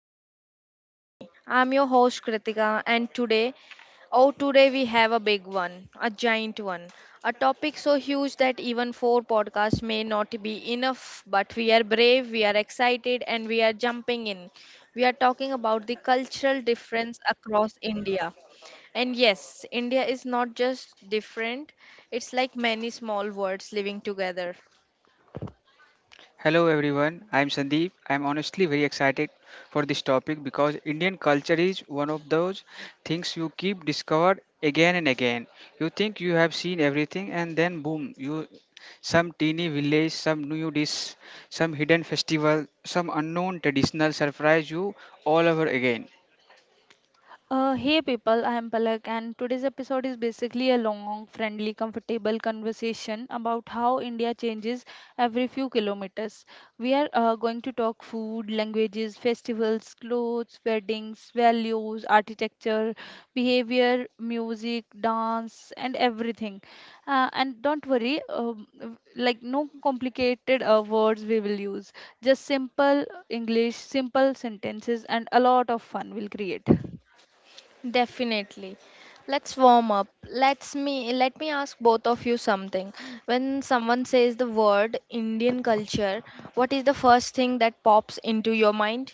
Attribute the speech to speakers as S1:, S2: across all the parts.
S1: Corner Every Story. I'm your host Kritika and today we have a big one, a giant one. A topic so huge that even four podcasts may not be enough, but we are brave, we are excited and we are jumping in. We are talking about the cultural difference across India. And yes, India is not just different, it's like many small worlds living together.
S2: Hello everyone, I'm Sandeep. I'm honestly very excited for this topic because Indian culture is one of those things you keep discovered again and again. You think you have seen everything and then boom, you some teeny village, some new dish, some hidden festival, some unknown traditional surprise you all over again.
S3: Hey people, I am Palak, and today's episode is basically a long, friendly, comfortable conversation about how India changes every few kilometers. We are going to talk food, languages, festivals, clothes, weddings, values, architecture, behavior, music, dance, and everything. And don't worry, like no complicated words we will use, just simple English, simple sentences, and a lot of fun we'll create.
S1: Definitely. Let's warm up. Let me ask both of you something. When someone says the word Indian culture, what is the first thing that pops into your mind?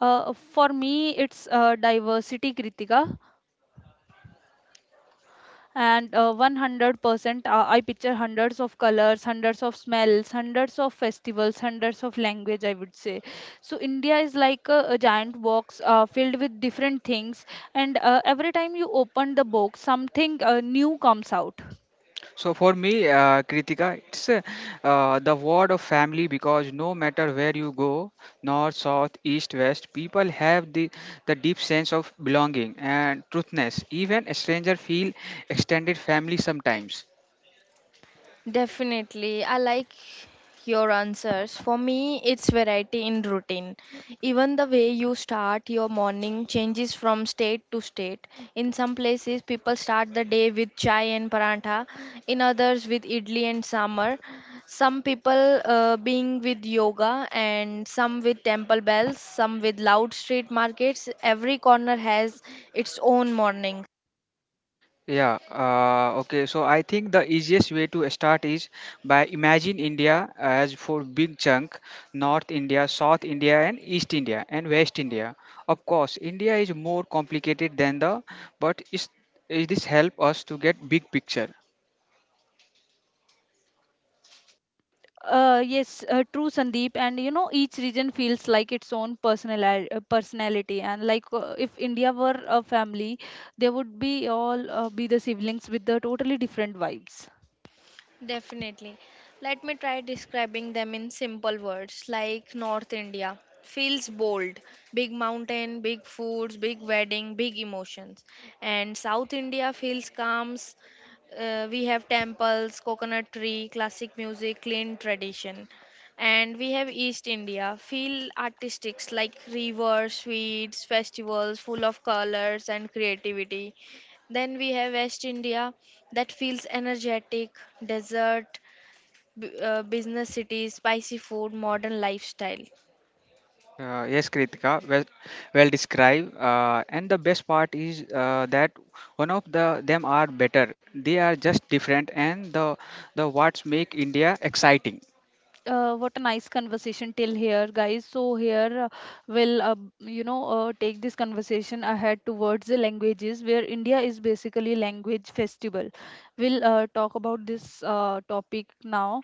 S3: For me, it's diversity, Kritika. And 100%, I picture hundreds of colors, hundreds of smells, hundreds of festivals, hundreds of language, I would say. So India is like a giant box filled with different things. And every time you open the box, something new comes out.
S2: So for me, Kritika, it's the word of family because no matter where you go, north, south, east, west, people have the deep sense of belonging and truthness. Even a stranger feel extended family sometimes.
S1: Definitely. I like your answers. For me, it's variety in routine. Even the way you start your morning changes from state to state. In some places, people start the day with chai and parantha, in others, with idli and sambar. Some people being with yoga, and some with temple bells, some with loud street markets. Every corner has its own morning.
S2: Yeah, okay. So I think the easiest way to start is by imagine India as four big chunk, North India, South India, and East India and West India. Of course, India is more complicated than but is this help us to get big picture?
S3: Yes, true, Sandeep. And you know, each region feels like its own personal personality. And if India were a family, they would be all be the siblings with the totally different vibes.
S1: Definitely. Let me try describing them in simple words like North India. Feels bold, big mountain, big foods, big wedding, big emotions. And South India feels calm. We have temples, coconut tree, classic music, clean tradition. And we have East India, feel artistics like rivers, sweets, festivals, full of colors and creativity. Then we have West India that feels energetic, desert, business cities, spicy food, modern lifestyle.
S2: Yes, Kritika, well described. And the best part is that one of the them are better. They are just different, and the what's make India exciting.
S3: What a nice conversation till here, guys. So here we'll you know take this conversation ahead towards the languages, where India is basically language festival. We'll talk about this topic now.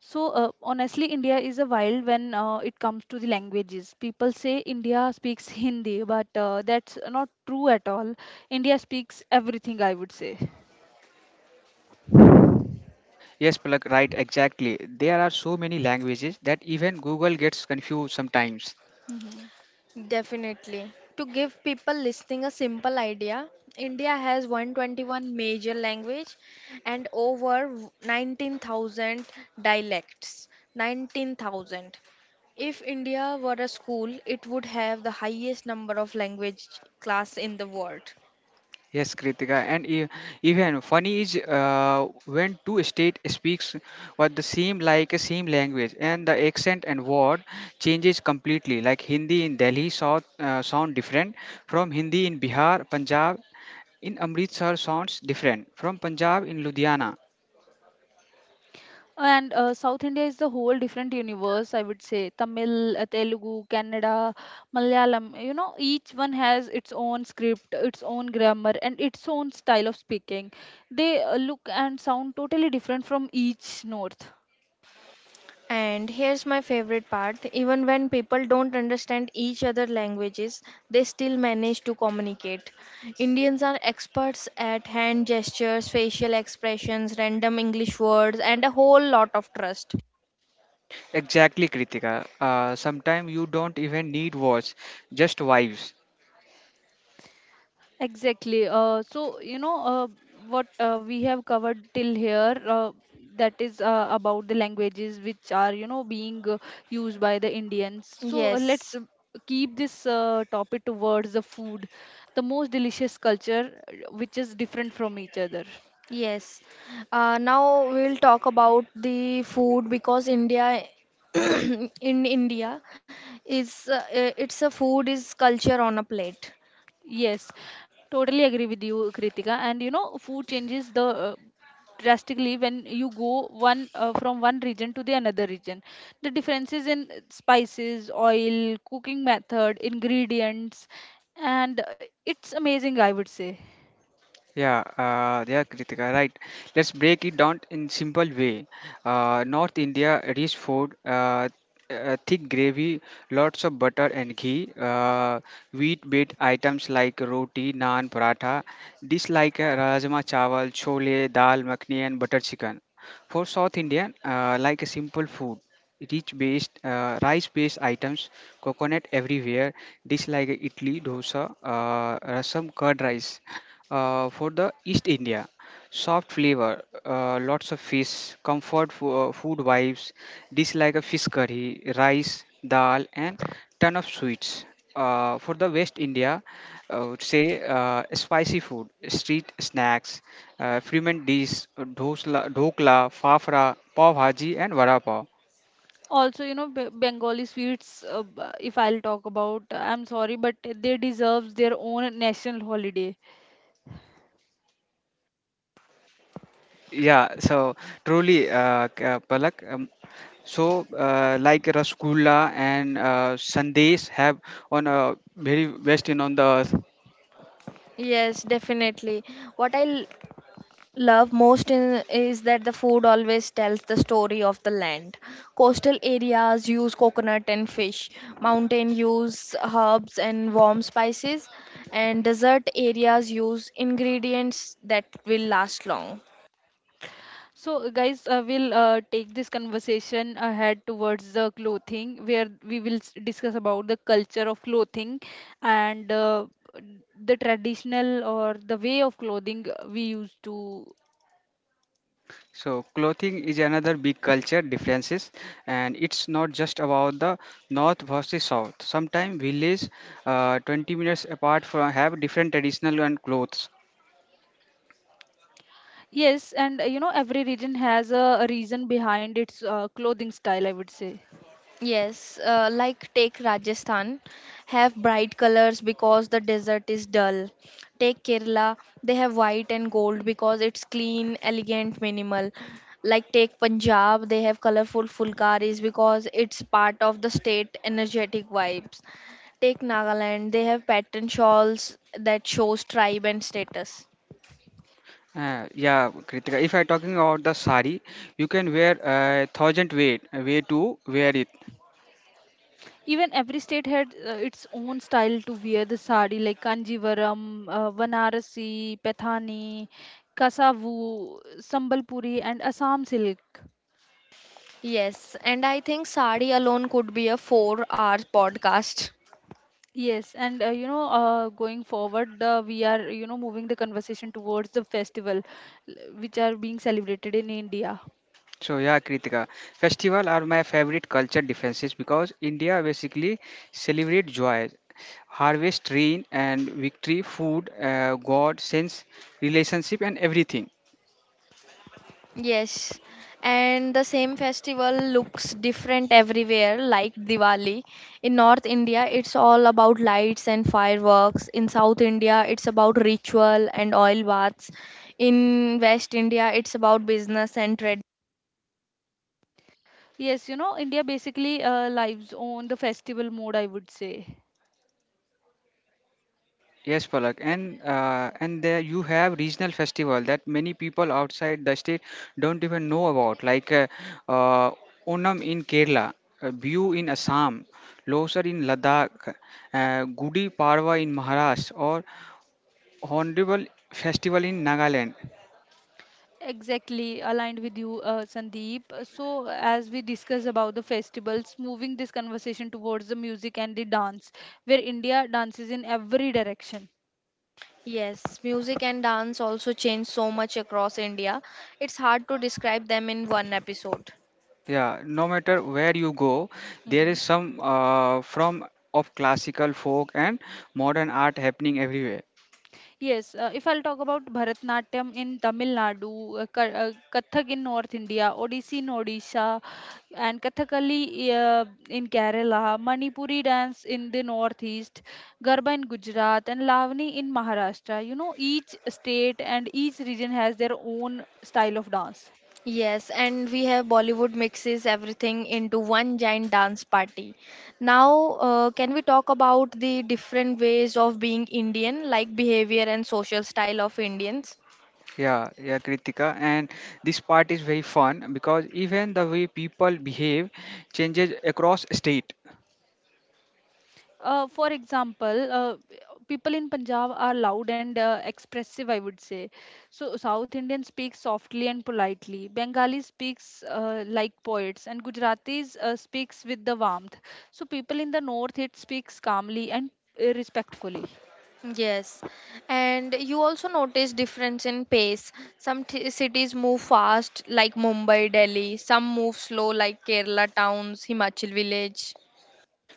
S3: So honestly, India is a wild when it comes to the languages. People say India speaks Hindi, but that's not true at all. India speaks everything, I would say.
S2: Yes, Palak, right, exactly. There are so many languages that even Google gets confused sometimes.
S3: Mhm.
S1: Definitely. To give people listening a simple idea, India has 121 major language and over 19,000 dialects. 19,000. If India were a school, it would have the highest number of language class in the world.
S2: Yes, Kritika, and even funny is when two state speaks what the same like a same language, and the accent and word changes completely. Like Hindi in Delhi south sound different from Hindi in Bihar, Punjab in Amritsar sounds different from Punjab in Ludhiana.
S3: And South India is the whole different universe, I would say. Tamil, Telugu, Kannada, Malayalam, you know, each one has its own script, its own grammar, and its own style of speaking. They look and sound totally different from each north.
S1: And here's my favorite part even when people don't understand each other languages, they still manage to communicate. Indians are experts at hand gestures, facial expressions, random English words, and a whole lot of trust.
S2: Exactly, Kritika. Sometimes you don't even need words, just vibes.
S3: Exactly. So, you know, what we have covered till here, that is about the languages which are, you know, being used by the Indians. So, uh, let's
S1: Yes,
S3: uh, keep this topic towards the food, the most delicious culture which is different from each other.
S1: yes. Now we'll talk about the food because India, in India, is it's a food is culture on a plate.
S3: Yes, totally agree with you, Kritika. And you know, food changes the drastically when you go one from one region to the another region. The differences in spices, oil, cooking method, ingredients, and it's amazing, I would say.
S2: Yeah, Kritika, right. Let's break it down in simple way. North India, rich food, thick gravy, lots of butter and ghee, wheat-based items like roti, naan, paratha, dish like rajma chawal, chole, dal makhani, and butter chicken. For South Indian, like a simple food rich based rice based items, coconut everywhere, dish like idli dosa, rasam curd rice. For the east india, soft flavor, lots of fish, comfort food vibes, dish like a fish curry, rice, dal, and ton of sweets. For the West India, I would say spicy food, street snacks, ferment dish, dhosla, dhokla, fafra, pav bhaji, and vada pav.
S3: Also, you know, Bengali sweets. If I'll talk about, I'm sorry, but they deserve their own national holiday.
S2: Yeah, so truly, Palak. So, like Rasgulla and Sandesh have on a very best in on the earth.
S1: Yes, definitely. What I love most in, is that the food always tells the story of the land. Coastal areas use coconut and fish, mountain use herbs and warm spices, and desert areas use ingredients that will last long.
S3: So, guys, we'll take this conversation ahead towards the clothing, where we will discuss about the culture of clothing and the traditional or the way of clothing we used to.
S2: So, clothing is another big culture differences, and it's not just about the north versus south. Sometimes villages, 20 minutes apart from have different traditional and clothes.
S3: Yes, and you know, every region has a reason behind its clothing style, I would say.
S1: Yes, like take Rajasthan, have bright colors because the desert is dull. Take Kerala, they have white and gold because it's clean, elegant, minimal. Like take Punjab, they have colorful fulkaris because it's part of the state energetic vibes. Take Nagaland, they have pattern shawls that shows tribe and status.
S2: Yeah, Kritika. If I talking about the sari, you can wear a thousand way to wear it.
S3: Even every state had its own style to wear the sari, like Kanjivaram, Vanarasi, Pathani, Kasavu, Sambalpuri, and Assam silk.
S1: Yes, and I think sari alone could be a 4-hour podcast.
S3: Yes, and going forward, we are you know moving the conversation towards the festival, which are being celebrated in India.
S2: So yeah, Kritika, festival are my favorite culture differences because India basically celebrate joy, harvest, rain, and victory, food, God, sense, relationship, and everything.
S1: Yes, and the same festival looks different everywhere, like Diwali. In North India, it's all about lights and fireworks. In South India, it's about ritual and oil baths. In West India, it's about business and trade.
S3: Yes, you know, India basically lives on the festival mode, I would say.
S2: Yes, Palak, and and there you have regional festival that many people outside the state don't even know about, like uh, Onam in Kerala, Bihu in Assam, Losar in Ladakh, Gudi Parva in Maharashtra, or Hornbill Festival in Nagaland.
S3: Exactly, aligned with you, Sandeep. So, as we discuss about the festivals, moving this conversation towards the music and the dance, where India dances in every direction.
S1: Yes, music and dance also change so much across India. It's hard to describe them in one episode.
S2: Yeah, no matter where you go, there
S3: Mm-hmm.
S2: is some from of classical folk and modern art happening everywhere.
S3: Yes, if I'll talk about Bharatnatyam in Tamil Nadu, Kathak in North India, Odissi in Odisha, and Kathakali in Kerala, Manipuri dance in the Northeast, Garba in Gujarat, and Lavani in Maharashtra. You know, each state and each region has their own style of dance.
S1: Yes, and we have Bollywood mixes everything into one giant dance party. Now, can we talk about the different ways of being Indian, like behavior and social style of Indians?
S2: Yeah, Kritika, and this part is very fun because even the way people behave changes across state.
S3: For example, people in Punjab are loud and expressive, I would say. So South Indian speaks softly and politely. Bengali speaks like poets, and Gujaratis speaks with the warmth. So people in the North it speaks calmly and respectfully.
S1: Yes, and you also notice difference in pace. Cities move fast, like Mumbai, Delhi. Some move slow, like Kerala towns, Himachal village.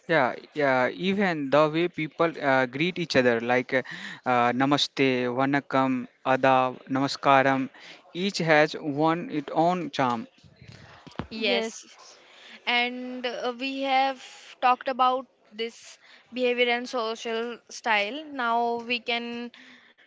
S2: Yeah, yeah, even the way people greet each other, like Namaste, Vanakkam, Adab, Namaskaram, each has one its own charm.
S1: Yes.
S3: Yes.
S1: And we have talked about this behavior and social style. Now we can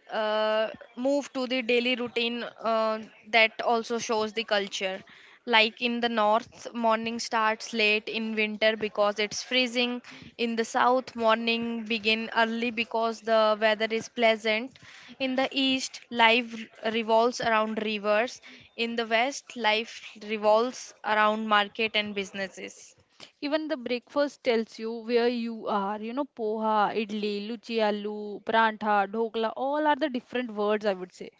S1: uh, move to the daily routine that also shows the culture. Like in the north, morning starts late in winter because it's freezing. In the south, morning begin early because the weather is pleasant. In the east, life revolves around rivers. In the west, life revolves around market and businesses.
S3: Even the breakfast tells you where you are. You know, poha, idli, luchi aloo, prantha, dhokla, all are the different words, I would say.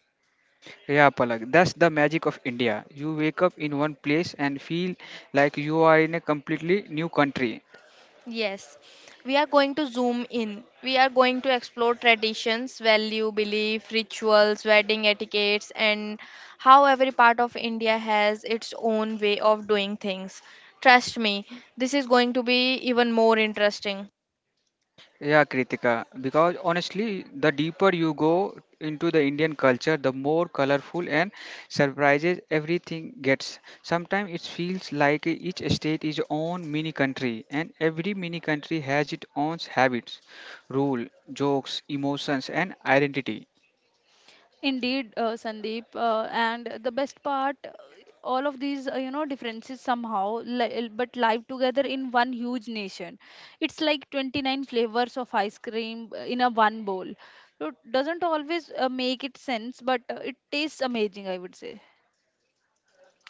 S2: Yeah, Palak, that's the magic of India. You wake up in one place and feel like you are in a completely new country.
S1: Yes, we are going to zoom in. We are going to explore traditions, value, belief, rituals, wedding etiquettes, and how every part of India has its own way of doing things. Trust me, this is going to be even more interesting.
S2: Yeah, Kritika, because honestly, the deeper you go into the Indian culture, the more colorful and surprises everything gets. Sometimes it feels like each state is own mini country, and every mini country has its own habits, rule, jokes, emotions, and identity.
S3: Indeed, Sandeep, and the best part, all of these, you know, differences somehow, li- but live together in one huge nation. It's like 29 flavors of ice cream in a one bowl. So it doesn't always make it sense, but it tastes amazing, I would say.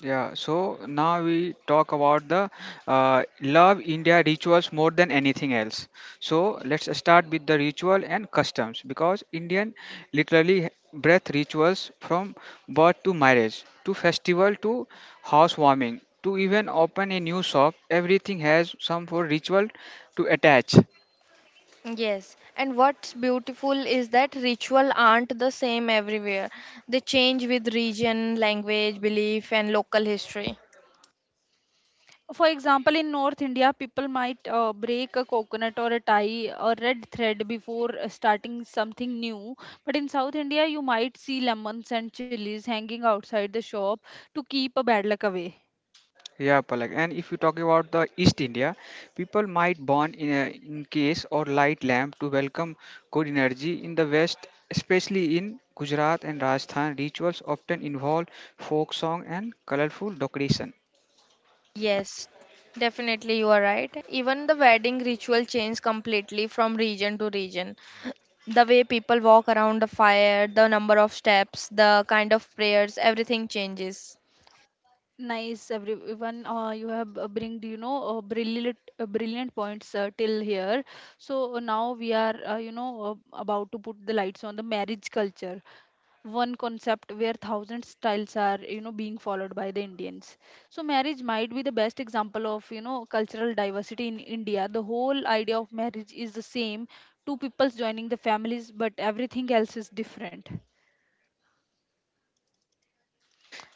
S2: Yeah, so now we talk about the love India rituals more than anything else. So let's start with the ritual and customs because Indian literally breath rituals from birth to marriage to festival to housewarming to even open a new shop, everything has some for ritual to attach.
S1: Yes, and what's beautiful is that ritual aren't the same everywhere. They change with region, language, belief, and local history.
S3: For example, in North India, people might break a coconut or a tie or red thread before starting something new. But in South India, you might see lemons and chilies hanging outside the shop to keep a bad luck away.
S2: Yeah, Palak. And if you talk about the East India, people might burn in, a, in case or light lamp to welcome good energy. In the West, especially in Gujarat and Rajasthan, rituals often involve folk song and colorful decoration.
S1: Yes, definitely you are right. Even the wedding ritual changed completely from region to region. The way people walk around the fire, the number of steps, the kind of prayers, everything changes.
S3: Nice, everyone. You have bring brilliant points till here. So now we are about to put the lights on the marriage culture. One concept where thousand styles are you know being followed by the Indians. So marriage might be the best example of you know cultural diversity in India. The whole idea of marriage is the same, two peoples joining the families, but everything else is different.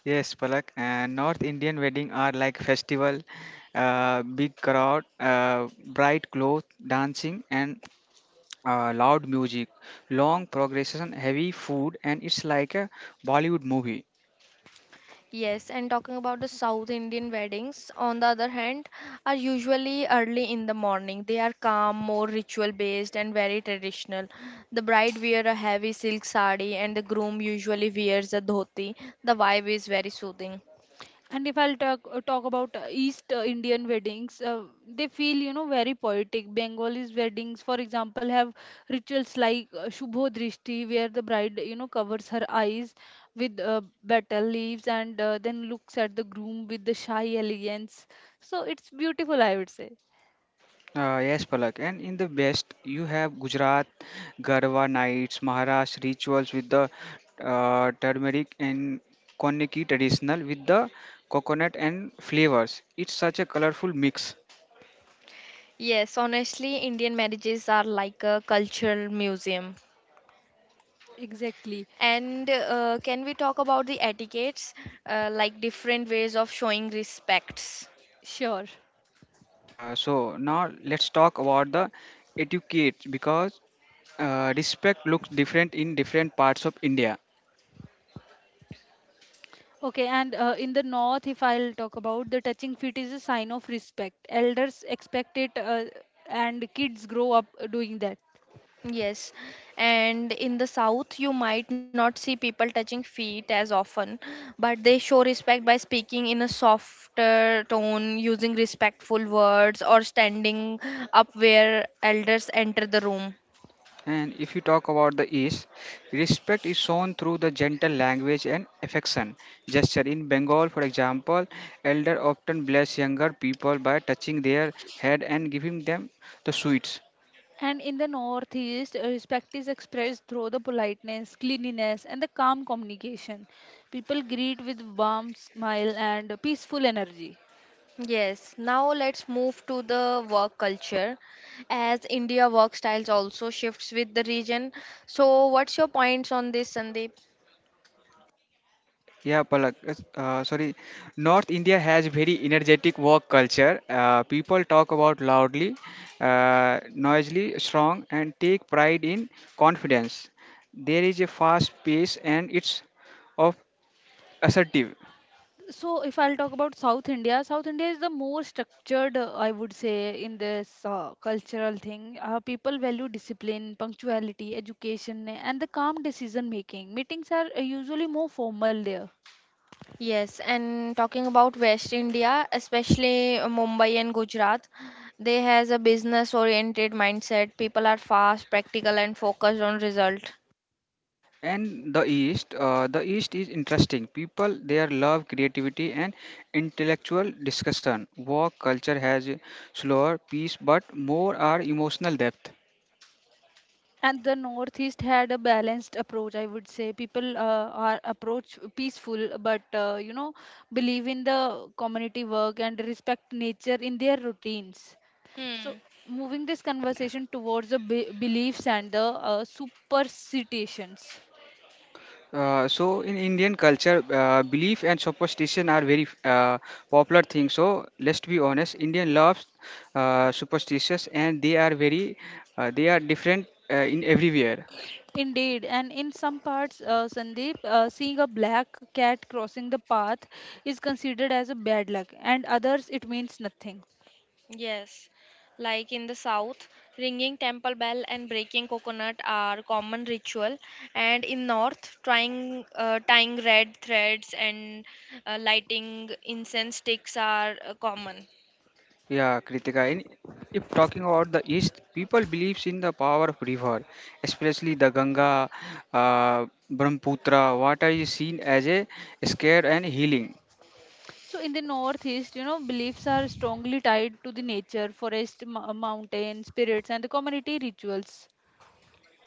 S2: Yes, Palak. And North Indian wedding are like festival, big crowd, bright clothes, dancing, and loud music, long progression, heavy food, and it's like a Bollywood movie.
S1: Yes, and talking about the South Indian weddings, on the other hand, are usually early in the morning. They are calm, more ritual based, and very traditional. The bride wears a heavy silk sari, and the groom usually wears a dhoti. The vibe is very soothing.
S3: And if I'll talk about East Indian weddings, they feel you know very poetic. Bengalis weddings, for example, have rituals like Shubho Drishti, where the bride you know covers her eyes with betel leaves and then looks at the groom with the shy elegance. So it's beautiful, I would say.
S2: Yes, Palak. And in the West, you have Gujarat, Garwa nights, Maharashtra rituals with the turmeric and koniki traditional with the coconut and flavors. It's such a colorful mix.
S1: Yes, honestly, Indian marriages are like a cultural museum.
S3: Exactly.
S1: And can we talk about the etiquettes, like different ways of showing respects?
S3: Sure.
S2: So now let's talk about the etiquette because respect looks different in different parts of India.
S3: Okay, and in the north, if I'll talk about the touching feet is a sign of respect. Elders expect it, and kids grow up doing that.
S1: Yes, and in the south, you might not see people touching feet as often, but they show respect by speaking in a softer tone, using respectful words, or standing up where elders enter the room.
S2: And if you talk about the East, respect is shown through the gentle language and affection gesture. In Bengal, for example, elder often bless younger people by touching their head and giving them the sweets.
S3: And in the Northeast, respect is expressed through the politeness, cleanliness, and the calm communication. People greet with warm smile and peaceful energy.
S1: Yes, now let's move to the work culture as India work styles also shifts with the region. So what's your points on this, Sandeep?
S2: Yeah, Palak. Sorry. North India has very energetic work culture. People talk about loudly, noisily, strong, and take pride in confidence. There is a fast pace and it's of assertive.
S3: So, if I'll talk about South India, South India is the more structured, I would say, in this cultural thing. People value discipline, punctuality, education, and the calm decision making. Meetings are usually more formal there.
S1: Yes, and talking about West India, especially Mumbai and Gujarat, they has a business oriented mindset. People are fast, practical and focused on result.
S2: And the east, the east is interesting. People there love creativity and intellectual discussion. Work culture has a slower pace but more are emotional depth.
S3: And the Northeast had a balanced approach, I would say. People are approach peaceful but believe in the community work and respect nature in their routines. So
S1: Hmm.
S3: moving this conversation towards the beliefs and the superstitions.
S2: So in indian culture, belief and superstition are very popular things. So let's be honest, indian loves superstitious and they are very they are different in everywhere.
S3: Indeed, and in some parts, Sandeep, seeing a black cat crossing the path is considered as a bad luck, and others it means nothing.
S1: Yes, like in the south, ringing temple bell and breaking coconut are common ritual, and in north, trying tying red threads and lighting incense sticks are common.
S2: Yeah, Kritika. In, if talking about the East, people believes in the power of river, especially the Ganga, Brahmaputra. Water is seen as a scared and healing.
S3: So in the northeast, you know, beliefs are strongly tied to the nature, forest, mountain, spirits, and the community rituals.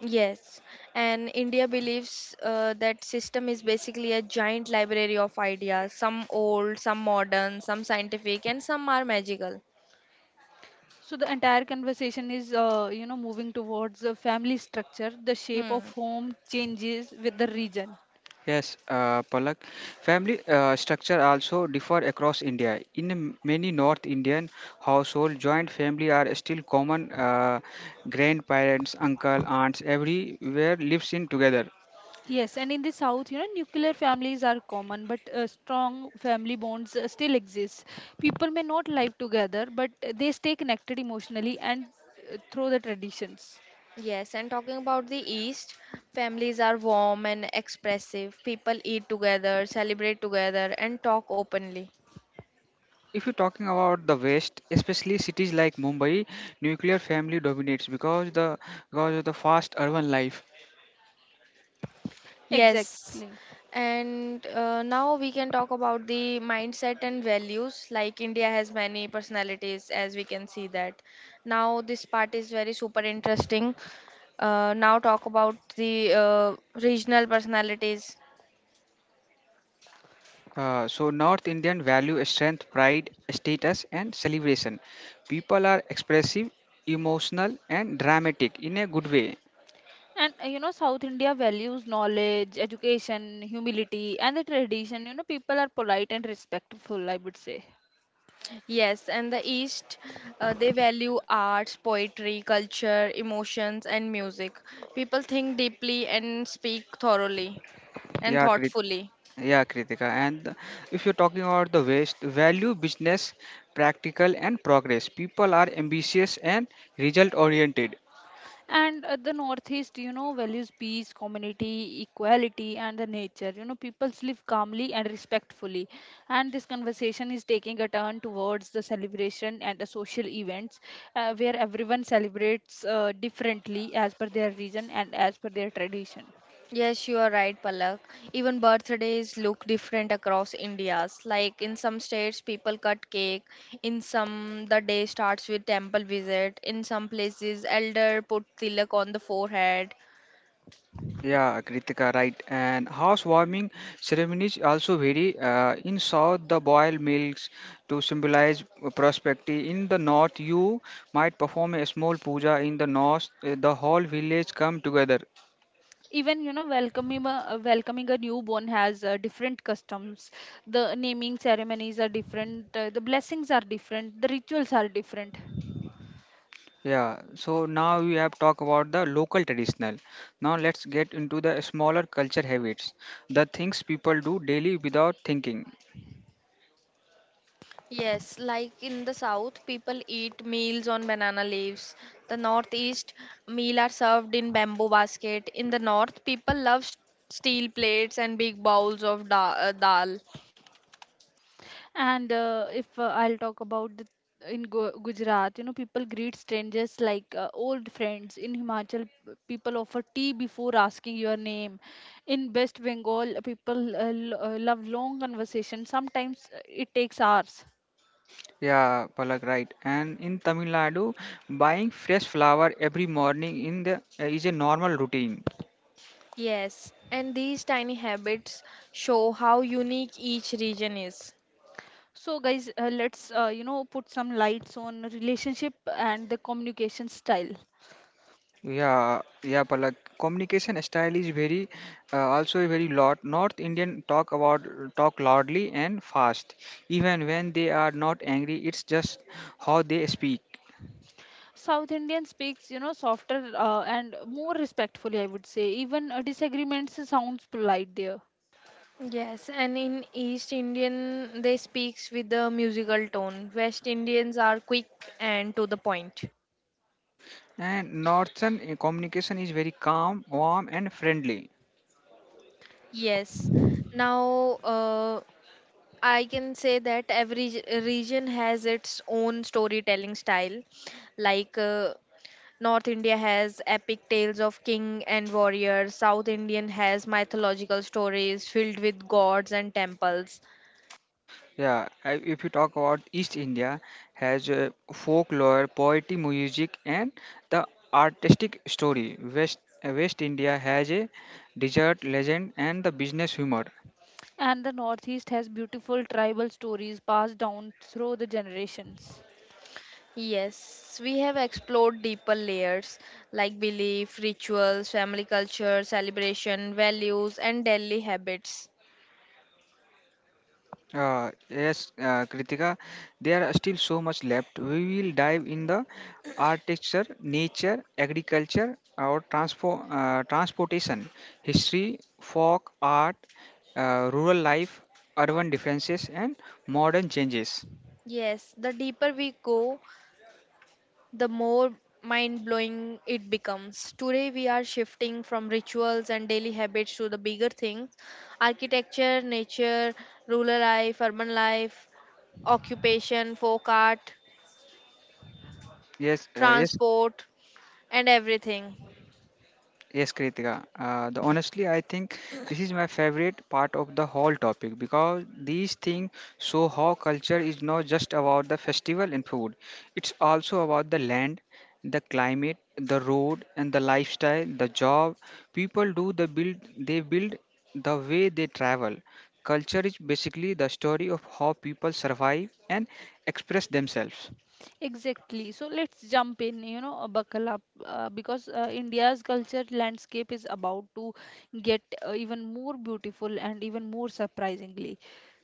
S1: Yes, and India believes that system is basically a giant library of ideas, some old, some modern, some scientific, and some are magical.
S3: So the entire conversation is, you know, moving towards the family structure. The shape
S1: Hmm.
S3: of home changes with the region.
S2: Yes, Palak. Family structure also differ across India. In many North Indian household, joint family are still common. Grandparents, uncle, aunts, everywhere lives in together.
S3: Yes, and in the south, you know, nuclear families are common, but strong family bonds still exist. People may not live together, but they stay connected emotionally and through the traditions.
S1: Yes, and talking about the East, families are warm and expressive. People eat together, celebrate together, and talk openly.
S2: If you're talking about the West, especially cities like Mumbai, nuclear family dominates because the because of the fast urban life.
S1: Yes,
S3: Exactly.
S1: and now we can talk about the mindset and values. Like India has many personalities, as we can see that. Now, this part is very super interesting. Now, talk about the regional personalities.
S2: So North Indian value strength, pride, status, and celebration. People are expressive, emotional, and dramatic in a good way.
S3: And you know, South India values knowledge, education, humility, and the tradition. You know, people are polite and respectful, I would say.
S1: Yes, and the East, they value arts, poetry, culture, emotions, and music. People think deeply and speak thoroughly and
S2: Yeah, Krit-
S1: thoughtfully.
S2: yeah, Kritika. And if you're talking about the West, value business, practical, and progress. People are ambitious and result oriented.
S3: And the Northeast, you know, values peace, community, equality, and the nature. You know, people live calmly and respectfully. And this conversation is taking a turn towards the celebration and the social events where everyone celebrates differently as per their region and as per their tradition.
S1: Yes, you are right, Palak. Even birthdays look different across India's. Like in some states, people cut cake. In some, the day starts with temple visit. In some places, elder put tilak on the forehead.
S2: Yeah, Kritika, right. And housewarming ceremonies also vary. In south, the boiled milks to symbolize prosperity. In the north, you might perform a small puja. In the north, the whole village come together.
S3: Even you know welcoming welcoming a newborn has different customs. The naming ceremonies are different, the blessings are different, the rituals are different.
S2: Yeah. So now we have talked about the local traditional. Now let's get into the smaller culture habits, the things people do daily without thinking.
S1: Yes, like in the south, people eat meals on banana leaves. The northeast, meal are served in bamboo basket. In the north, people love steel plates and big bowls of dal.
S3: And if I'll talk about the in Gu- Gujarat, you know, people greet strangers like old friends. In Himachal, people offer tea before asking your name. In West Bengal, people love long conversation. Sometimes it takes hours.
S2: Yeah, Palak, right. And in Tamil Nadu, buying fresh flower every morning in the is a normal routine.
S1: Yes, and these tiny habits show how unique each region is.
S3: So, guys, let's you know put some lights on relationship and the communication style.
S2: Yeah, Palak. Communication style is very also very lot. North Indian talk loudly and fast, even when they are not angry. It's just how they speak.
S3: South Indian speaks, you know, softer and more respectfully, I would say. Even disagreements sounds polite there.
S1: Yes, and in East Indian, they speaks with a musical tone. West Indians are quick and to the point.
S2: And Northern communication is very calm, warm, and friendly.
S1: Yes. Now, I can say that every region has its own storytelling style. Like North India has epic tales of king and warrior, South Indian has mythological stories filled with gods and temples.
S2: If you talk about East India, has folklore, poetry, music, and the artistic story. West India has a desert legend and the business humor.
S3: And the Northeast has beautiful tribal stories passed down through the generations.
S1: Yes, we have explored deeper layers like belief, rituals, family culture, celebration, values, and daily habits.
S2: Yes, Kritika, there are still so much left. We will dive in the architecture, nature, agriculture, or transportation, history, folk art, rural life, urban differences, and modern changes.
S1: Yes, the deeper we go, the more mind blowing it becomes. Today, we are shifting from rituals and daily habits to the bigger things architecture, nature, rural life, urban life, occupation, folk art,
S2: Yes, uh, yes,
S1: transport, and everything.
S2: yes, Kritika. The Honestly, I think this is my favorite part of the whole topic because these things show how culture is not just about the festival and food. It's also about the land, the climate, the road, and the lifestyle, the job people do. The build they build, the way they travel. Culture is basically the story of how people survive and express themselves.
S3: Exactly. So let's jump in, you know, buckle up because India's culture landscape is about to get even more beautiful and even more surprisingly.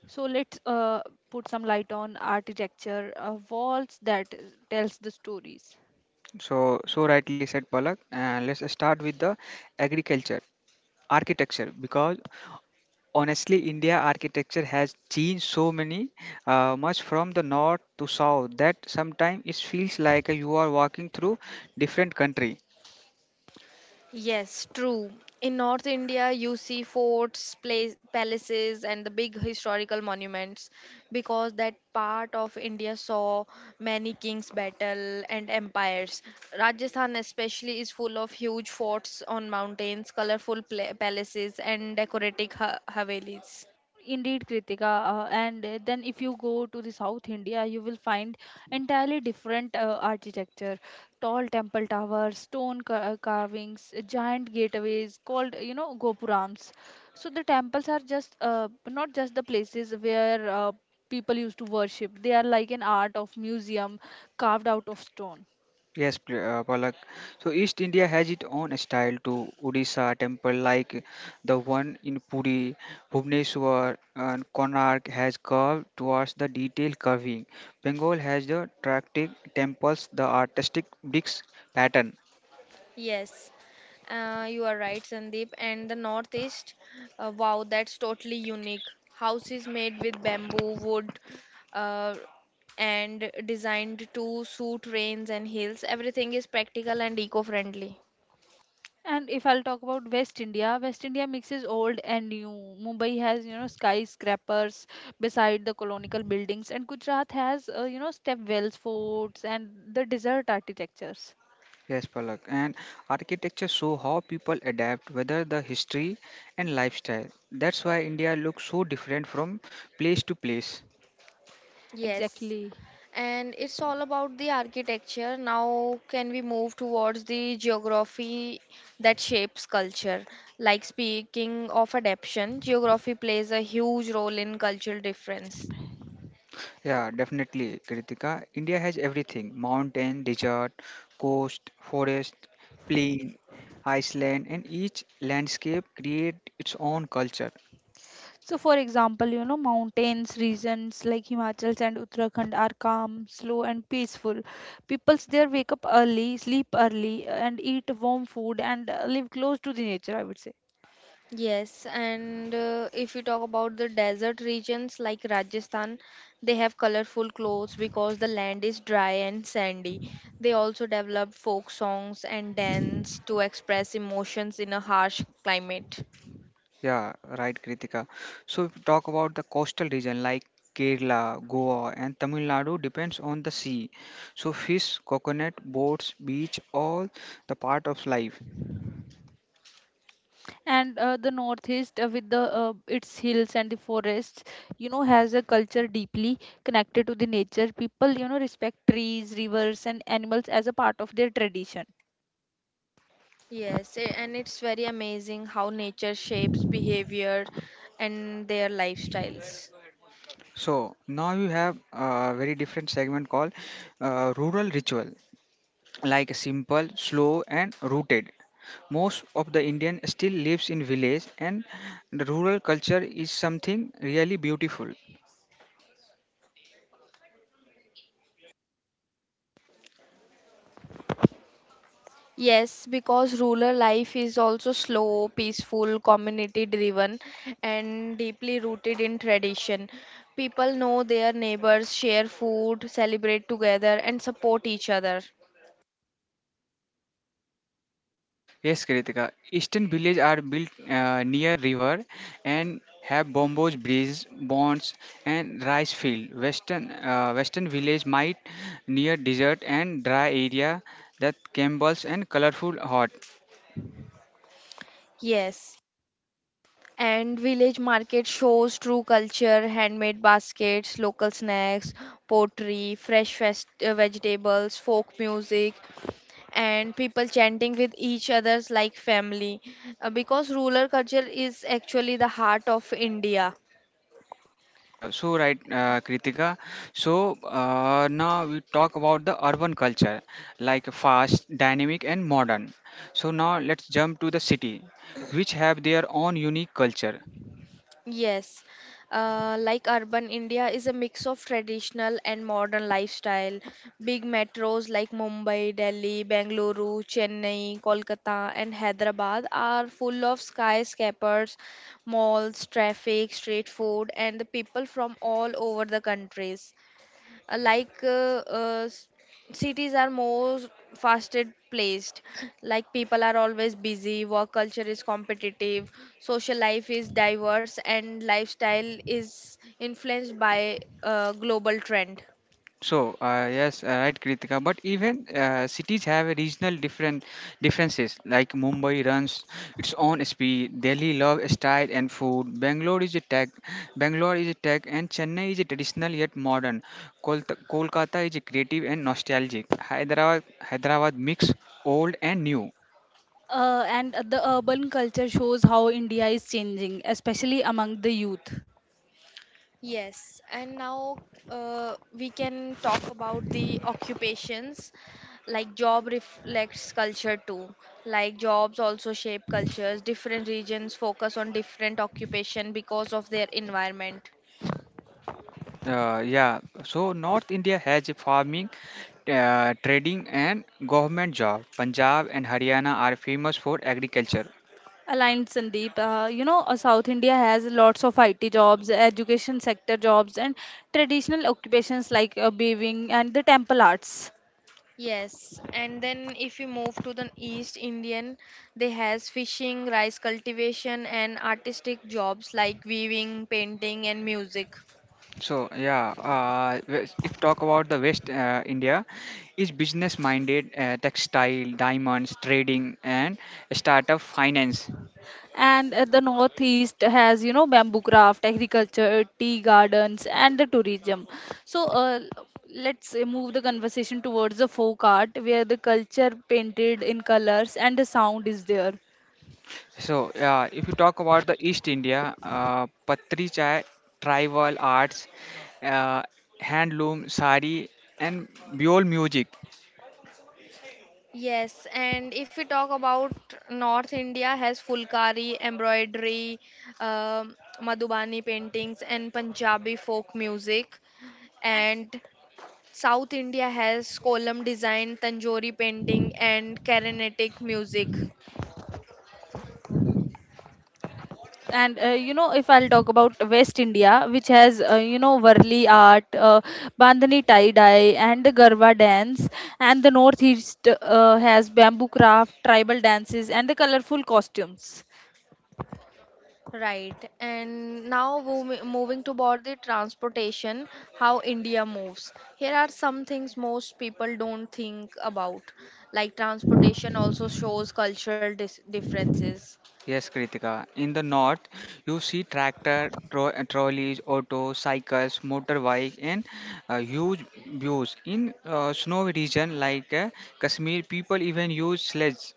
S3: So let's put some light on architecture, walls that tells the stories.
S2: So, so rightly said, Palak. Let's start with the agriculture architecture because honestly india architecture has changed so many much from the north to south that sometimes it feels like you are walking through different country.
S1: Yes, true. In North India, you see forts, place, palaces, and the big historical monuments because that part of India saw many kings' battle and empires. Rajasthan, especially, is full of huge forts on mountains, colorful palaces, and decorative havelis.
S3: Indeed, Kritika. And then if you go to the South India, you will find entirely different architecture: tall temple towers, stone carvings, giant gateways called you know gopurams. So the temples are just not just the places where people used to worship. They are like an art of museum carved out of stone.
S2: Palak, so east india has its own style to odisha temple like the one in puri, bhubaneswar, and konark has curved towards the detailed curving. Bengal has the attractive temples, the artistic bricks pattern.
S1: Yes, you are right, Sandeep. And the Northeast, wow, that's totally unique. Houses made with bamboo, wood, uh, and designed to suit rains and hills. Everything is practical and eco-friendly.
S3: And if I'll talk about West India, West India mixes old and new. Mumbai has, you know, skyscrapers beside the colonial buildings, and Gujarat has, you know, stepwells, forts, and the desert architectures.
S2: Yes, Palak. And architecture show how people adapt, whether the history and lifestyle. That's why India looks so different from place to place.
S1: Yes,
S3: Exactly.
S1: and it's all about the architecture. Now, can we move towards the geography that shapes culture? Like speaking of adaptation, geography plays a huge role in cultural difference.
S2: Yeah, definitely, Kritika. India has everything: mountain, desert, coast, forest, plain, Iceland, and each landscape create its own culture.
S3: So, for example, you know, mountains regions like Himachal and Uttarakhand are calm, slow, and peaceful. Peoples there wake up early, sleep early, and eat warm food and live close to the nature, I would say.
S1: Yes, and if you talk about the desert regions like Rajasthan, they have colorful clothes because the land is dry and sandy. They also develop folk songs and dance to express emotions in a harsh climate.
S2: Yeah, right, Kritika. So if you talk about the coastal region like Kerala, Goa, and Tamil Nadu depends on the sea. So fish, coconut, boats, beach, all the part of life.
S3: And the northeast with the its hills and the forests you know has a culture deeply connected to the nature. People you know respect trees, rivers and animals as a part of their tradition.
S1: Yes, and it's very amazing how nature shapes behavior and their lifestyles.
S2: So now you have a very different segment called rural ritual, like simple, slow, and rooted. Most of the Indian still lives in village, and the rural culture is something really beautiful.
S1: Yes, because rural life is also slow, peaceful, community driven, and deeply rooted in tradition. People know their neighbors, share food, celebrate together, and support each other.
S2: Yes, Kritika. Eastern villages are built near river and have bombos, bridges, bonds, and rice field. Western village might near desert and dry area that gambles and colorful hot.
S1: Yes, and village market shows true culture, handmade baskets, local snacks, pottery, vegetables, folk music, and people chanting with each other's like family because rural culture is actually the heart of India.
S2: So right, Kritika. Now we talk about the urban culture, like fast, dynamic, and modern. So now let's jump to the city, which have their own unique culture.
S1: Yes, like urban India is a mix of traditional and modern lifestyle. Big metros like Mumbai, Delhi, Bengaluru, Chennai, Kolkata, and Hyderabad are full of skyscrapers, malls, traffic, street food, and the people from all over the countries. uh, like uh, uh, s- Cities are more fasted placed, like people are always busy, work culture is competitive, social life is diverse and lifestyle is influenced by global trend.
S2: So yes, right, Kritika. But even cities have a regional different differences. Like Mumbai runs its own speed. Delhi love style and food. Bangalore is a tech, and Chennai is a traditional yet modern. Kol- Kolkata is a creative and nostalgic. Hyderabad mix old and new.
S1: And the urban culture shows how India is changing, especially among the youth. Yes, and now we can talk about the occupations. Like job reflects culture too. Like jobs also shape cultures. Different regions focus on different occupation because of their environment.
S2: Yeah. So North India has a farming, trading, and government job. Punjab and Haryana are famous for agriculture.
S1: Aligned, Sandeep. South India has lots of IT jobs, education sector jobs, and traditional occupations like weaving and the temple arts. Yes, and then if you move to the East Indian, they has fishing, rice cultivation, and artistic jobs like weaving, painting, and music.
S2: So yeah, if talk about the West India, is business minded, textile, diamonds, trading, and startup finance.
S1: And the northeast has, bamboo craft, agriculture, tea gardens, and the tourism. So let's move the conversation towards the folk art, where the culture painted in colors and the sound is there.
S2: So yeah, if you talk about the East India, patri chai, tribal arts, uh, handloom, sari, and beyond music.
S1: Yes, and if we talk about North India has fulkari, embroidery, um Madhubani paintings and Punjabi folk music. And South India has column design, Tanjori painting and Carnatic music. And if I'll talk about West India, which has varli art, bandhani tie dye and the garba dance. And the northeast has bamboo craft, tribal dances and the colorful costumes. Right. And now moving toward the transportation, how India moves. Here are some things most people don't think about. Like transportation also shows cultural differences.
S2: Yes, Kritika. In the north, you see tractor, trolleys, autos, cycles, motorbike, and huge views. In snowy region like Kashmir, people even use sleds.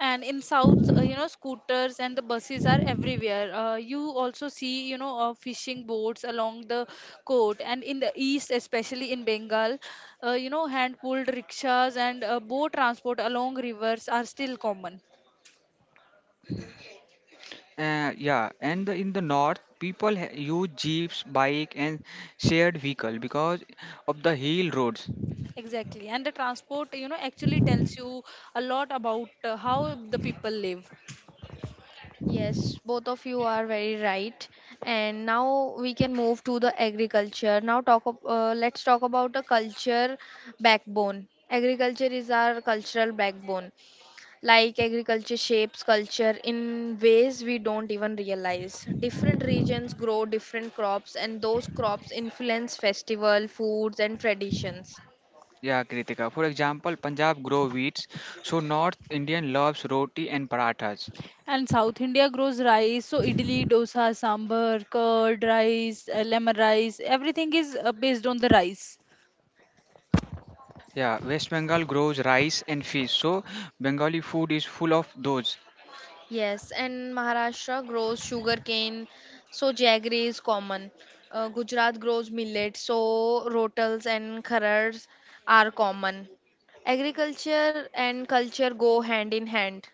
S1: And in south, scooters and the buses are everywhere. You also see fishing boats along the coast. And in the east, especially in Bengal, hand pulled rickshaws and boat transport along rivers are still common.
S2: Yeah, and in the north, people use jeeps, bike, and shared vehicle because of the hill roads.
S1: Exactly, and the transport actually tells you a lot about how the people live. Yes, both of you are very right. And now we can move to the agriculture. Now talk let's talk about the culture backbone. Agriculture is our cultural backbone. Like agriculture shapes culture in ways we don't even realize. Different regions grow different crops and those crops influence festival, foods and traditions.
S2: Yeah, Kritika. For example, Punjab grow wheats, so North Indian loves roti and parathas.
S1: And South India grows rice, so idli, dosa, sambar, curd, rice, lemon rice, everything is based on the rice.
S2: Yeah, West Bengal grows rice and fish, so Bengali food is full of those.
S1: Yes, and Maharashtra grows sugarcane, so jaggery is common. Gujarat grows millet, so rotals and kharars are common. Agriculture and culture go hand in hand.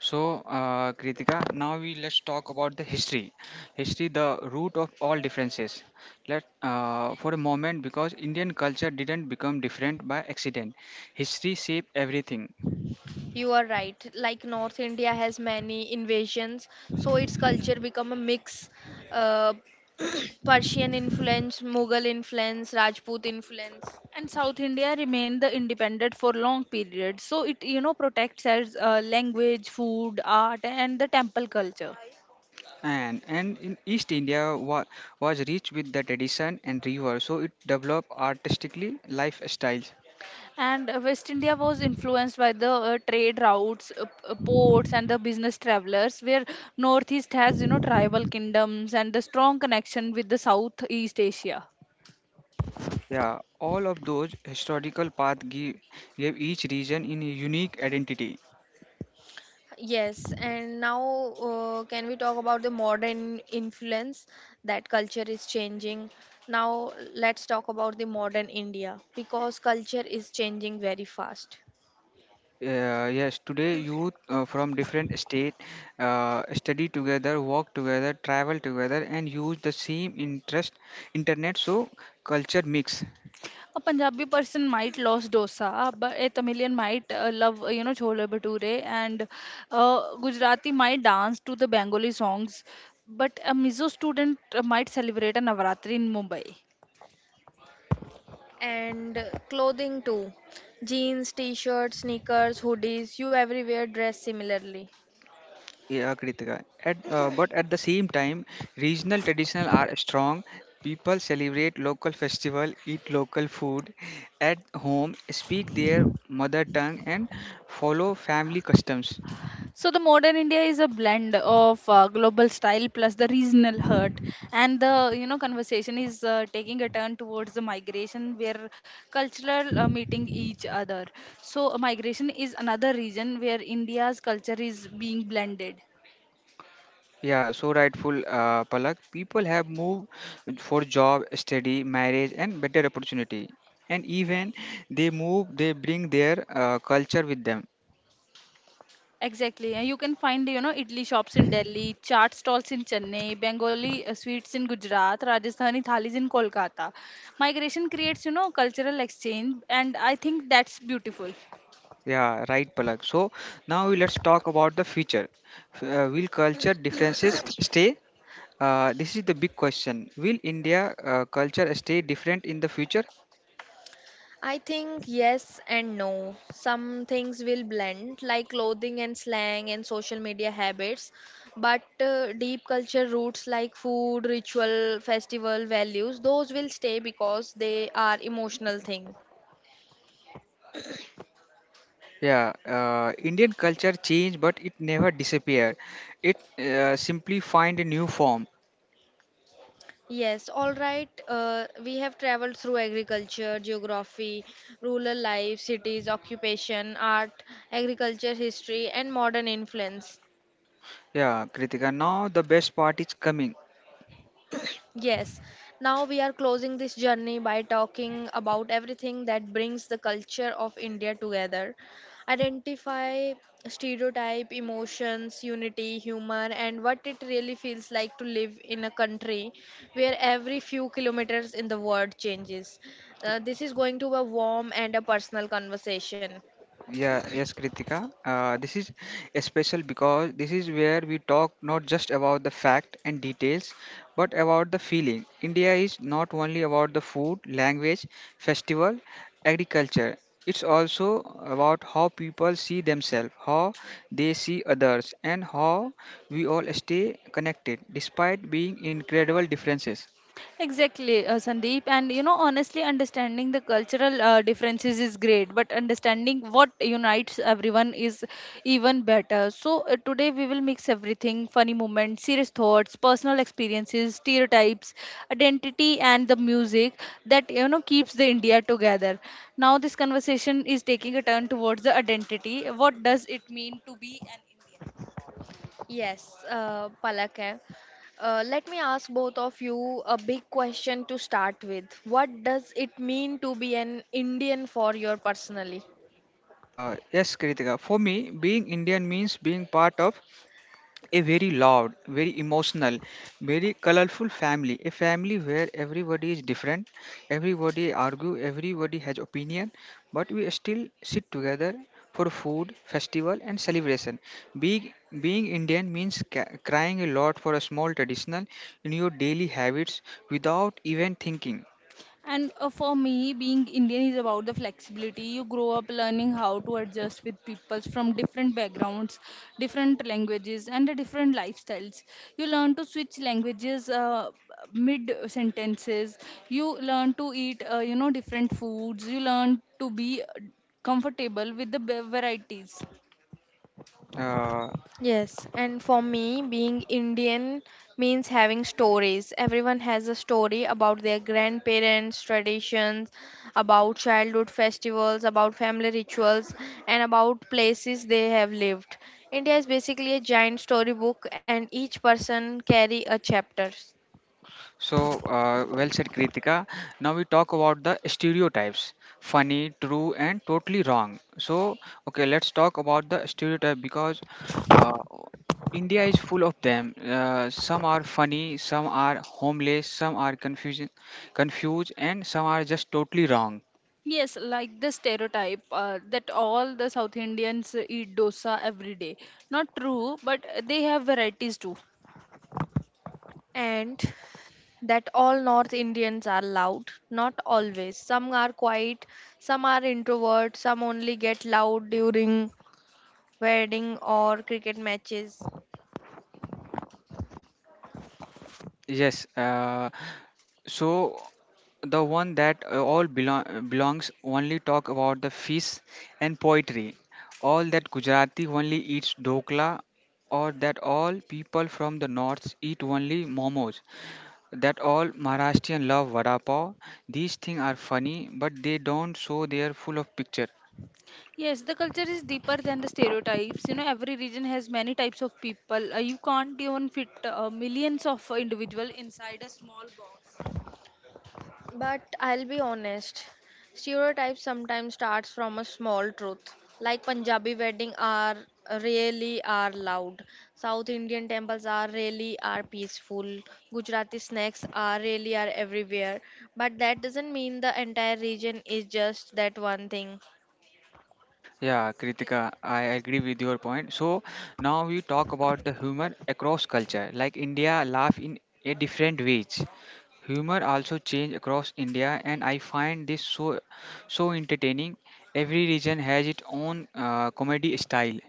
S2: So, Kritika, now we let's talk about the history. History, the root of all differences. Let for a moment, because Indian culture didn't become different by accident. History shaped everything,
S1: You are right. Like North India has many invasions, so its culture become a mix. Uh, Persian influence, Mughal influence, Rajput influence. And south india remained the independent for long periods, so it protects as language food art and the temple culture.
S2: and in East India was rich with the tradition and river, so it developed artistically lifestyles.
S1: And West India was influenced by the trade routes, ports, and the business travelers, where Northeast has, tribal kingdoms and the strong connection with the Southeast Asia.
S2: Yeah, all of those historical paths give each region in a unique identity.
S1: Yes, and now can we talk about the modern influence that culture is changing? Now let's talk about the modern India because culture is changing very fast.
S2: Yes, today youth from different state study together, work together, travel together, and use the same interest internet. So culture mix.
S1: A Punjabi person might love dosa, but a Tamilian might love chole bhature, and Gujarati might dance to the Bengali songs, but a Mizo student might celebrate a Navaratri in Mumbai. And clothing too. Jeans, t shirts, sneakers, hoodies, you everywhere dress similarly.
S2: Yeah, Kritika. But at the same time, regional traditions are strong. People celebrate local festival, eat local food at home, speak their mother tongue, and follow family customs.
S1: So the modern India is a blend of global style plus the regional hurt, and the conversation is taking a turn towards the migration where cultural meeting each other. So migration is another region where India's culture is being blended.
S2: Yeah, so rightful, Palak. People have moved for job, study, marriage, and better opportunity. And even they move, they bring their culture with them.
S1: Exactly, and you can find Italy shops in Delhi, chaat stalls in Chennai, Bengali sweets in Gujarat, Rajasthani thalis in Kolkata. Migration creates cultural exchange, and I think that's beautiful.
S2: Yeah, right, Palak. So now let's talk about the future. Will culture differences stay? This is the big question. Will India culture stay different in the future?
S1: I think yes and no. Some things will blend, like clothing and slang and social media habits, but deep culture roots like food, ritual, festival values, those will stay because they are emotional thing.
S2: Yeah, Indian culture change, but it never disappear. It simply find a new form.
S1: Yes, all right. We have traveled through agriculture, geography, rural life, cities, occupation, art, agriculture history, and modern influence.
S2: Yeah, Kritika. Now the best part is coming.
S1: Yes, now we are closing this journey by talking about everything that brings the culture of India together. Identify stereotype, emotions, unity, humor, and what it really feels like to live in a country where every few kilometers in the world changes. This is going to be a warm and a personal conversation.
S2: Yeah, yes, Kritika. This is special because this is where we talk not just about the fact and details, but about the feeling. India is not only about the food, language, festival, agriculture. It's also about how people see themselves, how they see others, and how we all stay connected despite being incredible differences.
S1: Exactly, Sandeep. And honestly, understanding the cultural differences is great, but understanding what unites everyone is even better. So, today we will mix everything funny moments, serious thoughts, personal experiences, stereotypes, identity, and the music that keeps the India together. Now, this conversation is taking a turn towards the identity. What does it mean to be an Indian? Yes, Palak. Eh. Let me ask both of you a big question to start with. What does it mean to be an Indian for you personally?
S2: Yes, Kritika. For me, being Indian means being part of a very loud, very emotional, very colorful family. A family where everybody is different, everybody argue, everybody has opinion, but we still sit together for food, festival, and celebration. Being being Indian means crying a lot for a small traditional in your daily habits without even thinking.
S1: And for me, being Indian is about the flexibility. You grow up learning how to adjust with people from different backgrounds, different languages, and the different lifestyles. You learn to switch languages mid sentences. You learn to eat, different foods. You learn to be comfortable with the varieties.
S2: Uh,
S1: Yes, and for me, being Indian means having stories. Everyone has a story about their grandparents, traditions, about childhood festivals, about family rituals, and about places they have lived. India is basically a giant storybook, and each person carry a chapter.
S2: So, well said, Kritika. Now we talk about the stereotypes funny, true, and totally wrong. So, okay, let's talk about the stereotype because uh, India is full of them. Some are funny, some are homeless, some are confused, and some are just totally wrong.
S1: Yes, like the stereotype that all the South Indians eat dosa every day. Not true, but they have varieties too. And that all North Indians are loud. Not always. Some are quiet, some are introverts, some only get loud during wedding or cricket matches.
S2: Yes, so the one that all belong belongs only talk about the fish and poetry. All that Gujarati only eats dokla, or that all people from the north eat only momos. That all Maharashtrian love vada pav. These things are funny, but they don't show they are full of picture.
S1: Yes, the culture is deeper than the stereotypes. Every region has many types of people. You can't even fit millions of individual inside a small box. But I'll be honest, stereotypes sometimes starts from a small truth. Like Punjabi wedding are really are loud. South Indian temples are really are peaceful. Gujarati snacks are really are everywhere. But that doesn't mean the entire region is just that one thing.
S2: Yeah, Kritika, I agree with your point. So now we talk about the humor across culture. Like India, laugh in a different ways. Humor also change across India, and I find this so so entertaining. Every region has its own comedy style.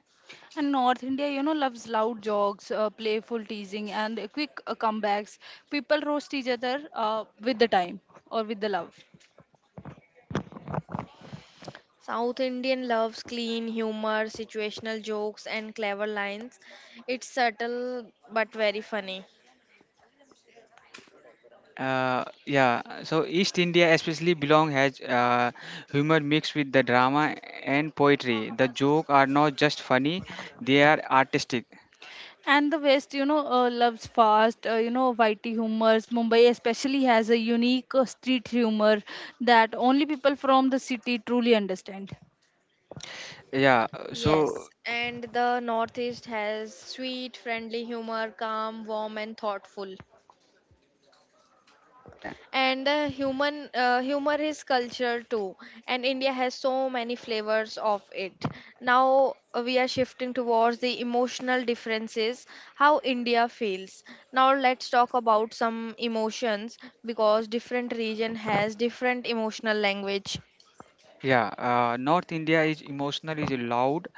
S1: And North India, loves loud jokes, playful teasing, and quick comebacks. People roast each other with the time or with the love. South Indian loves clean humor, situational jokes, and clever lines. It's subtle but very funny.
S2: Yeah, so East India especially belong has humor mixed with the drama and poetry. The joke are not just funny; they are artistic.
S1: And the West, loves fast, witty humors. Mumbai especially has a unique street humor that only people from the city truly understand.
S2: Yeah, so
S1: Yes, and the Northeast has sweet, friendly humor, calm, warm, and thoughtful.
S2: चल रहा है.
S1: And human humor is culture too, and india has so many flavors of it. Now we are shifting towards the emotional differences, how India feels. Now let's talk about some emotions because different region has different emotional language.
S2: Yeah, North India is emotional, is loud,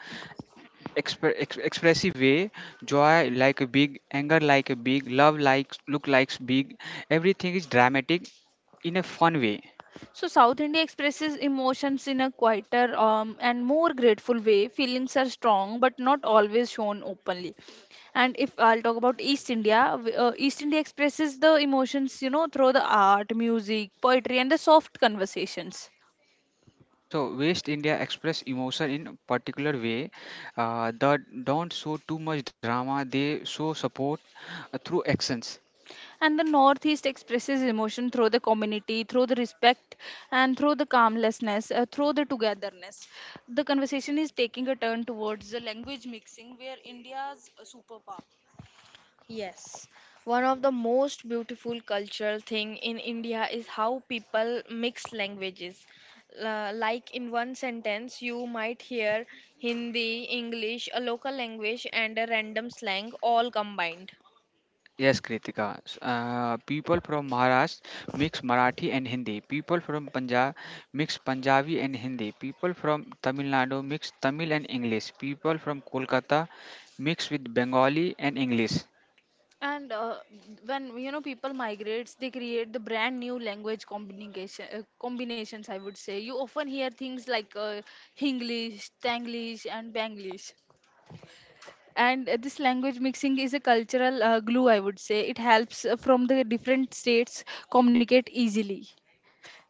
S2: expressive way, joy like a big, anger like a big, love like look likes big, everything is dramatic in a fun way.
S1: So, South India expresses emotions in a quieter and more grateful way. Feelings are strong but not always shown openly. And if I'll talk about East India, East India expresses the emotions, through the art, music, poetry, and the soft conversations.
S2: So West India express emotion in a particular way, that don't show too much drama, they show support through actions.
S1: And the Northeast expresses emotion through the community, through the respect, and through the calmlessness, through the togetherness. The conversation is taking a turn towards the language mixing, where India's superpower. Yes, one of the most beautiful cultural thing in India is how people mix languages. Like in one sentence, you might hear Hindi, English, a local language, and a random slang all combined.
S2: Yes, Kritika. People from Maharashtra mix Marathi and Hindi. People from Punjab mix Punjabi and Hindi. People from Tamil Nadu mix Tamil and English. People from Kolkata mix with Bengali and English.
S1: And when people migrates, they create the brand new language combinations. I would say you often hear things like Hinglish, Tanglish, and Banglish. And this language mixing is a cultural glue, I would say it helps from the different states communicate easily.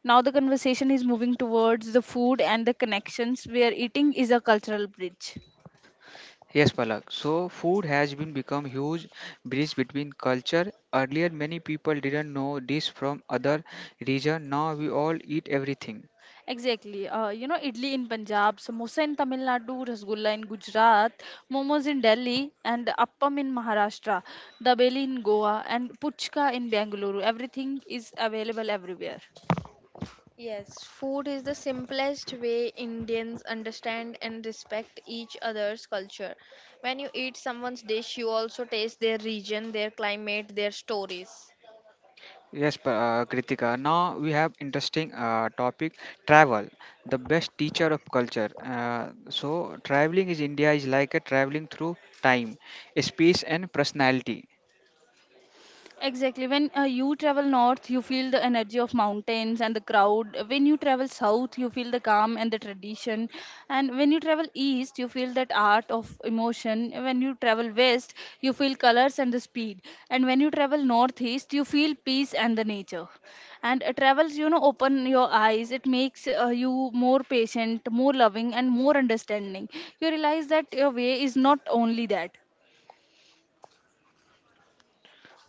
S1: Now the conversation is moving towards the food and the connections, where eating is a cultural bridge.
S2: Yes, Palak. So food has been become huge bridge between culture. Earlier, many people didn't know this from other region. Now we all eat everything.
S1: Exactly, idli in Punjab, samosa in Tamil Nadu, rasgulla in Gujarat, momos in Delhi, and appam in Maharashtra, dabeli in Goa and puchka in Bengaluru. Everything is available everywhere. Yes, food is the simplest way Indians understand and respect each other's culture. When you eat someone's dish, you also taste their region, their climate, their stories.
S2: Yes, Kritika. Now we have interesting topic travel, the best teacher of culture. So traveling is India is like a traveling through time, space, and personality.
S1: Exactly. When you travel north, you feel the energy of mountains and the crowd. When you travel south, you feel the calm and the tradition. And when you travel east, you feel that art of emotion. When you travel west, you feel colors and the speed. And when you travel northeast, you feel peace and the nature. And travels, open your eyes. It makes you more patient, more loving, and more understanding. You realize that your way is not only that.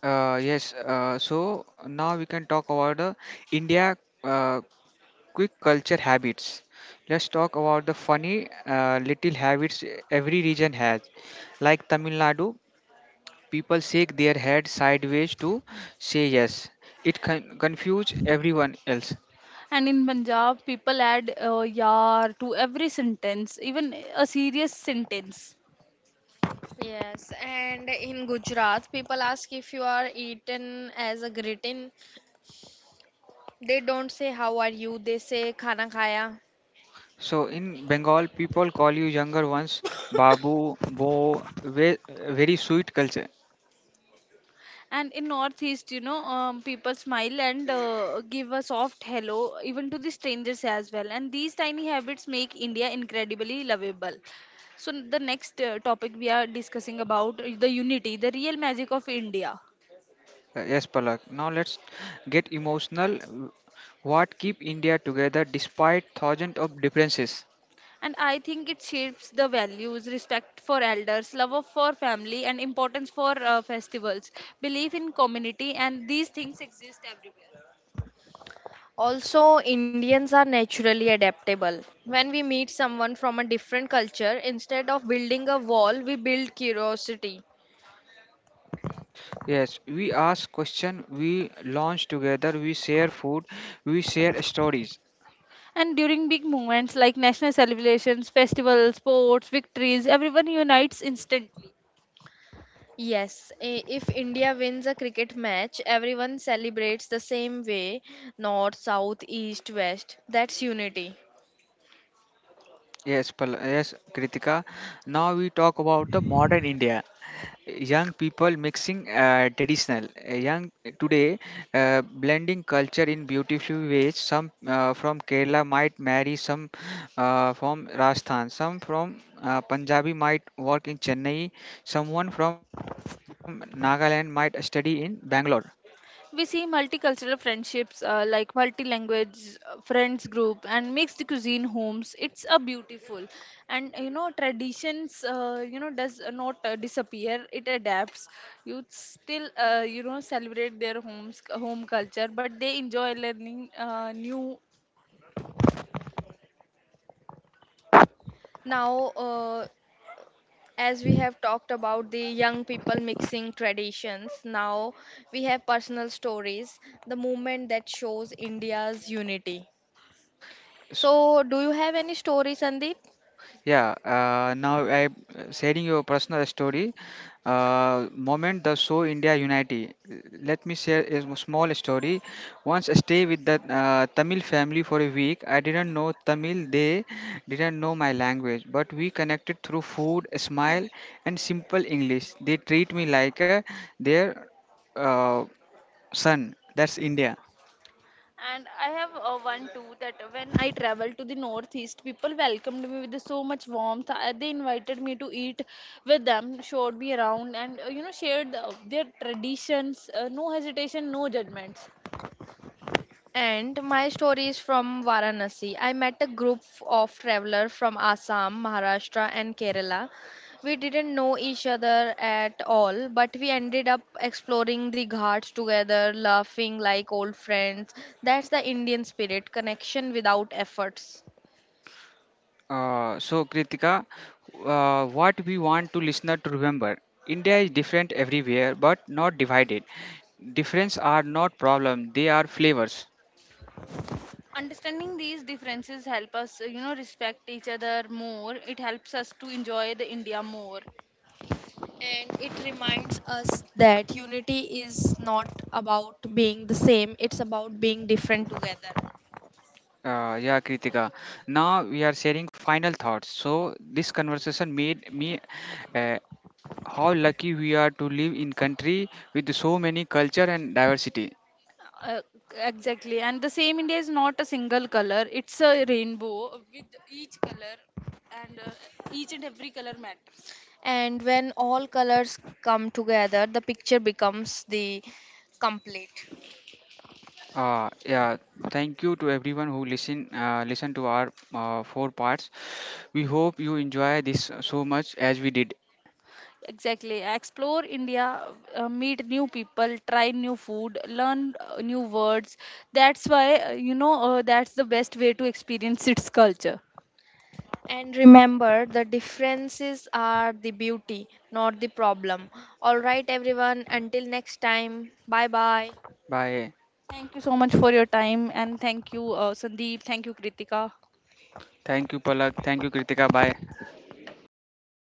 S2: Yes. So now we can talk about the India uh, quick culture habits. Let's talk about the funny little habits every region has, like Tamil Nadu. People shake their head sideways to say yes. It confuses everyone else.
S1: And in Punjab, people add "yar" to every sentence, even a serious sentence. Yes, and in Gujarat, people ask if you are eaten as a greeting. They don't say how are you, they say khana khaya.
S2: So in Bengal, people call you younger ones Babu, Bo, very sweet culture.
S1: And in Northeast, people smile and give a soft hello, even to the strangers as well. And these tiny habits make India incredibly lovable. So the next topic we are discussing about is the unity, the real magic of India.
S2: Yes, Palak. Now let's get emotional. What keep India together despite thousands of differences?
S1: And I think it shapes the values, respect for elders, love for family, and importance for festivals, belief in community, and these things exist everywhere. Also, Indians are naturally adaptable. When we meet someone from a different culture, instead of building a wall, we build curiosity.
S2: Yes, we ask question, we launch together, we share food, we share stories.
S1: And during big moments like national celebrations, festivals, sports, victories, everyone unites instantly. Yes, if India wins a cricket match, everyone celebrates the same way north, south, east, west. That's unity.
S2: Yes, yes, Kritika. Now we talk about the modern India. Young people mixing traditional, young today blending culture in beautiful ways. Some from Kerala might marry, some from Rajasthan, some from Punjabi might work in Chennai, someone from Nagaland might study in Bangalore.
S1: We see multicultural friendships like multi-language friends group and mixed cuisine homes. It's a beautiful, and traditions. Does not disappear. It adapts. You still celebrate their homes home culture, but they enjoy learning new. Now, As we have talked about the young people mixing traditions, now we have personal stories, the movement that shows india's unity. So do you have any story, Sandeep?
S2: Yeah, now I sharing your personal story. Moment the show India Unity. Let me share a small story. Once I stay with the Tamil family for a week. I didn't know Tamil. They didn't know my language, but we connected through food, a smile, and simple English. They treat me like their uh, son. That's India.
S1: And I have one too that when I traveled to the northeast, people welcomed me with so much warmth. They invited me to eat with them, showed me around, and shared their traditions. No hesitation, no judgments. And my story is from Varanasi. I met a group of travelers from Assam, Maharashtra, and Kerala. We didn't know each other at all, but we ended up exploring the ghats together, laughing like old friends. That's the Indian spirit connection without efforts.
S2: So, Kritika, what we want to listener to remember, India is different everywhere, but not divided. Difference are not problem; they are flavors.
S1: Understanding these differences help us, respect each other more. It helps us to enjoy the India more. And it reminds us that unity is not about being the same, it's about being different together.
S2: Yeah, Kritika. Now we are sharing final thoughts. So this conversation made me uh, how lucky we are to live in country with so many culture and diversity.
S1: Uh, exactly. And the same India is not a single color, it's a rainbow with each color and each and every color matters. And when all colors come together, the picture becomes the complete.
S2: Yeah, thank you to everyone who listen to our four parts. We hope you enjoy this so much as we did.
S1: Exactly. Explore India, meet new people, try new food, learn new words. That's why, you know, That's the best way to experience its culture. And remember, the differences are the beauty, not the problem. All right, everyone, until next time, bye bye.
S2: Bye.
S1: Thank you so much for your time and thank you, Sandeep. Thank you, Kritika.
S2: Thank you, Palak. Thank you, Kritika. Bye.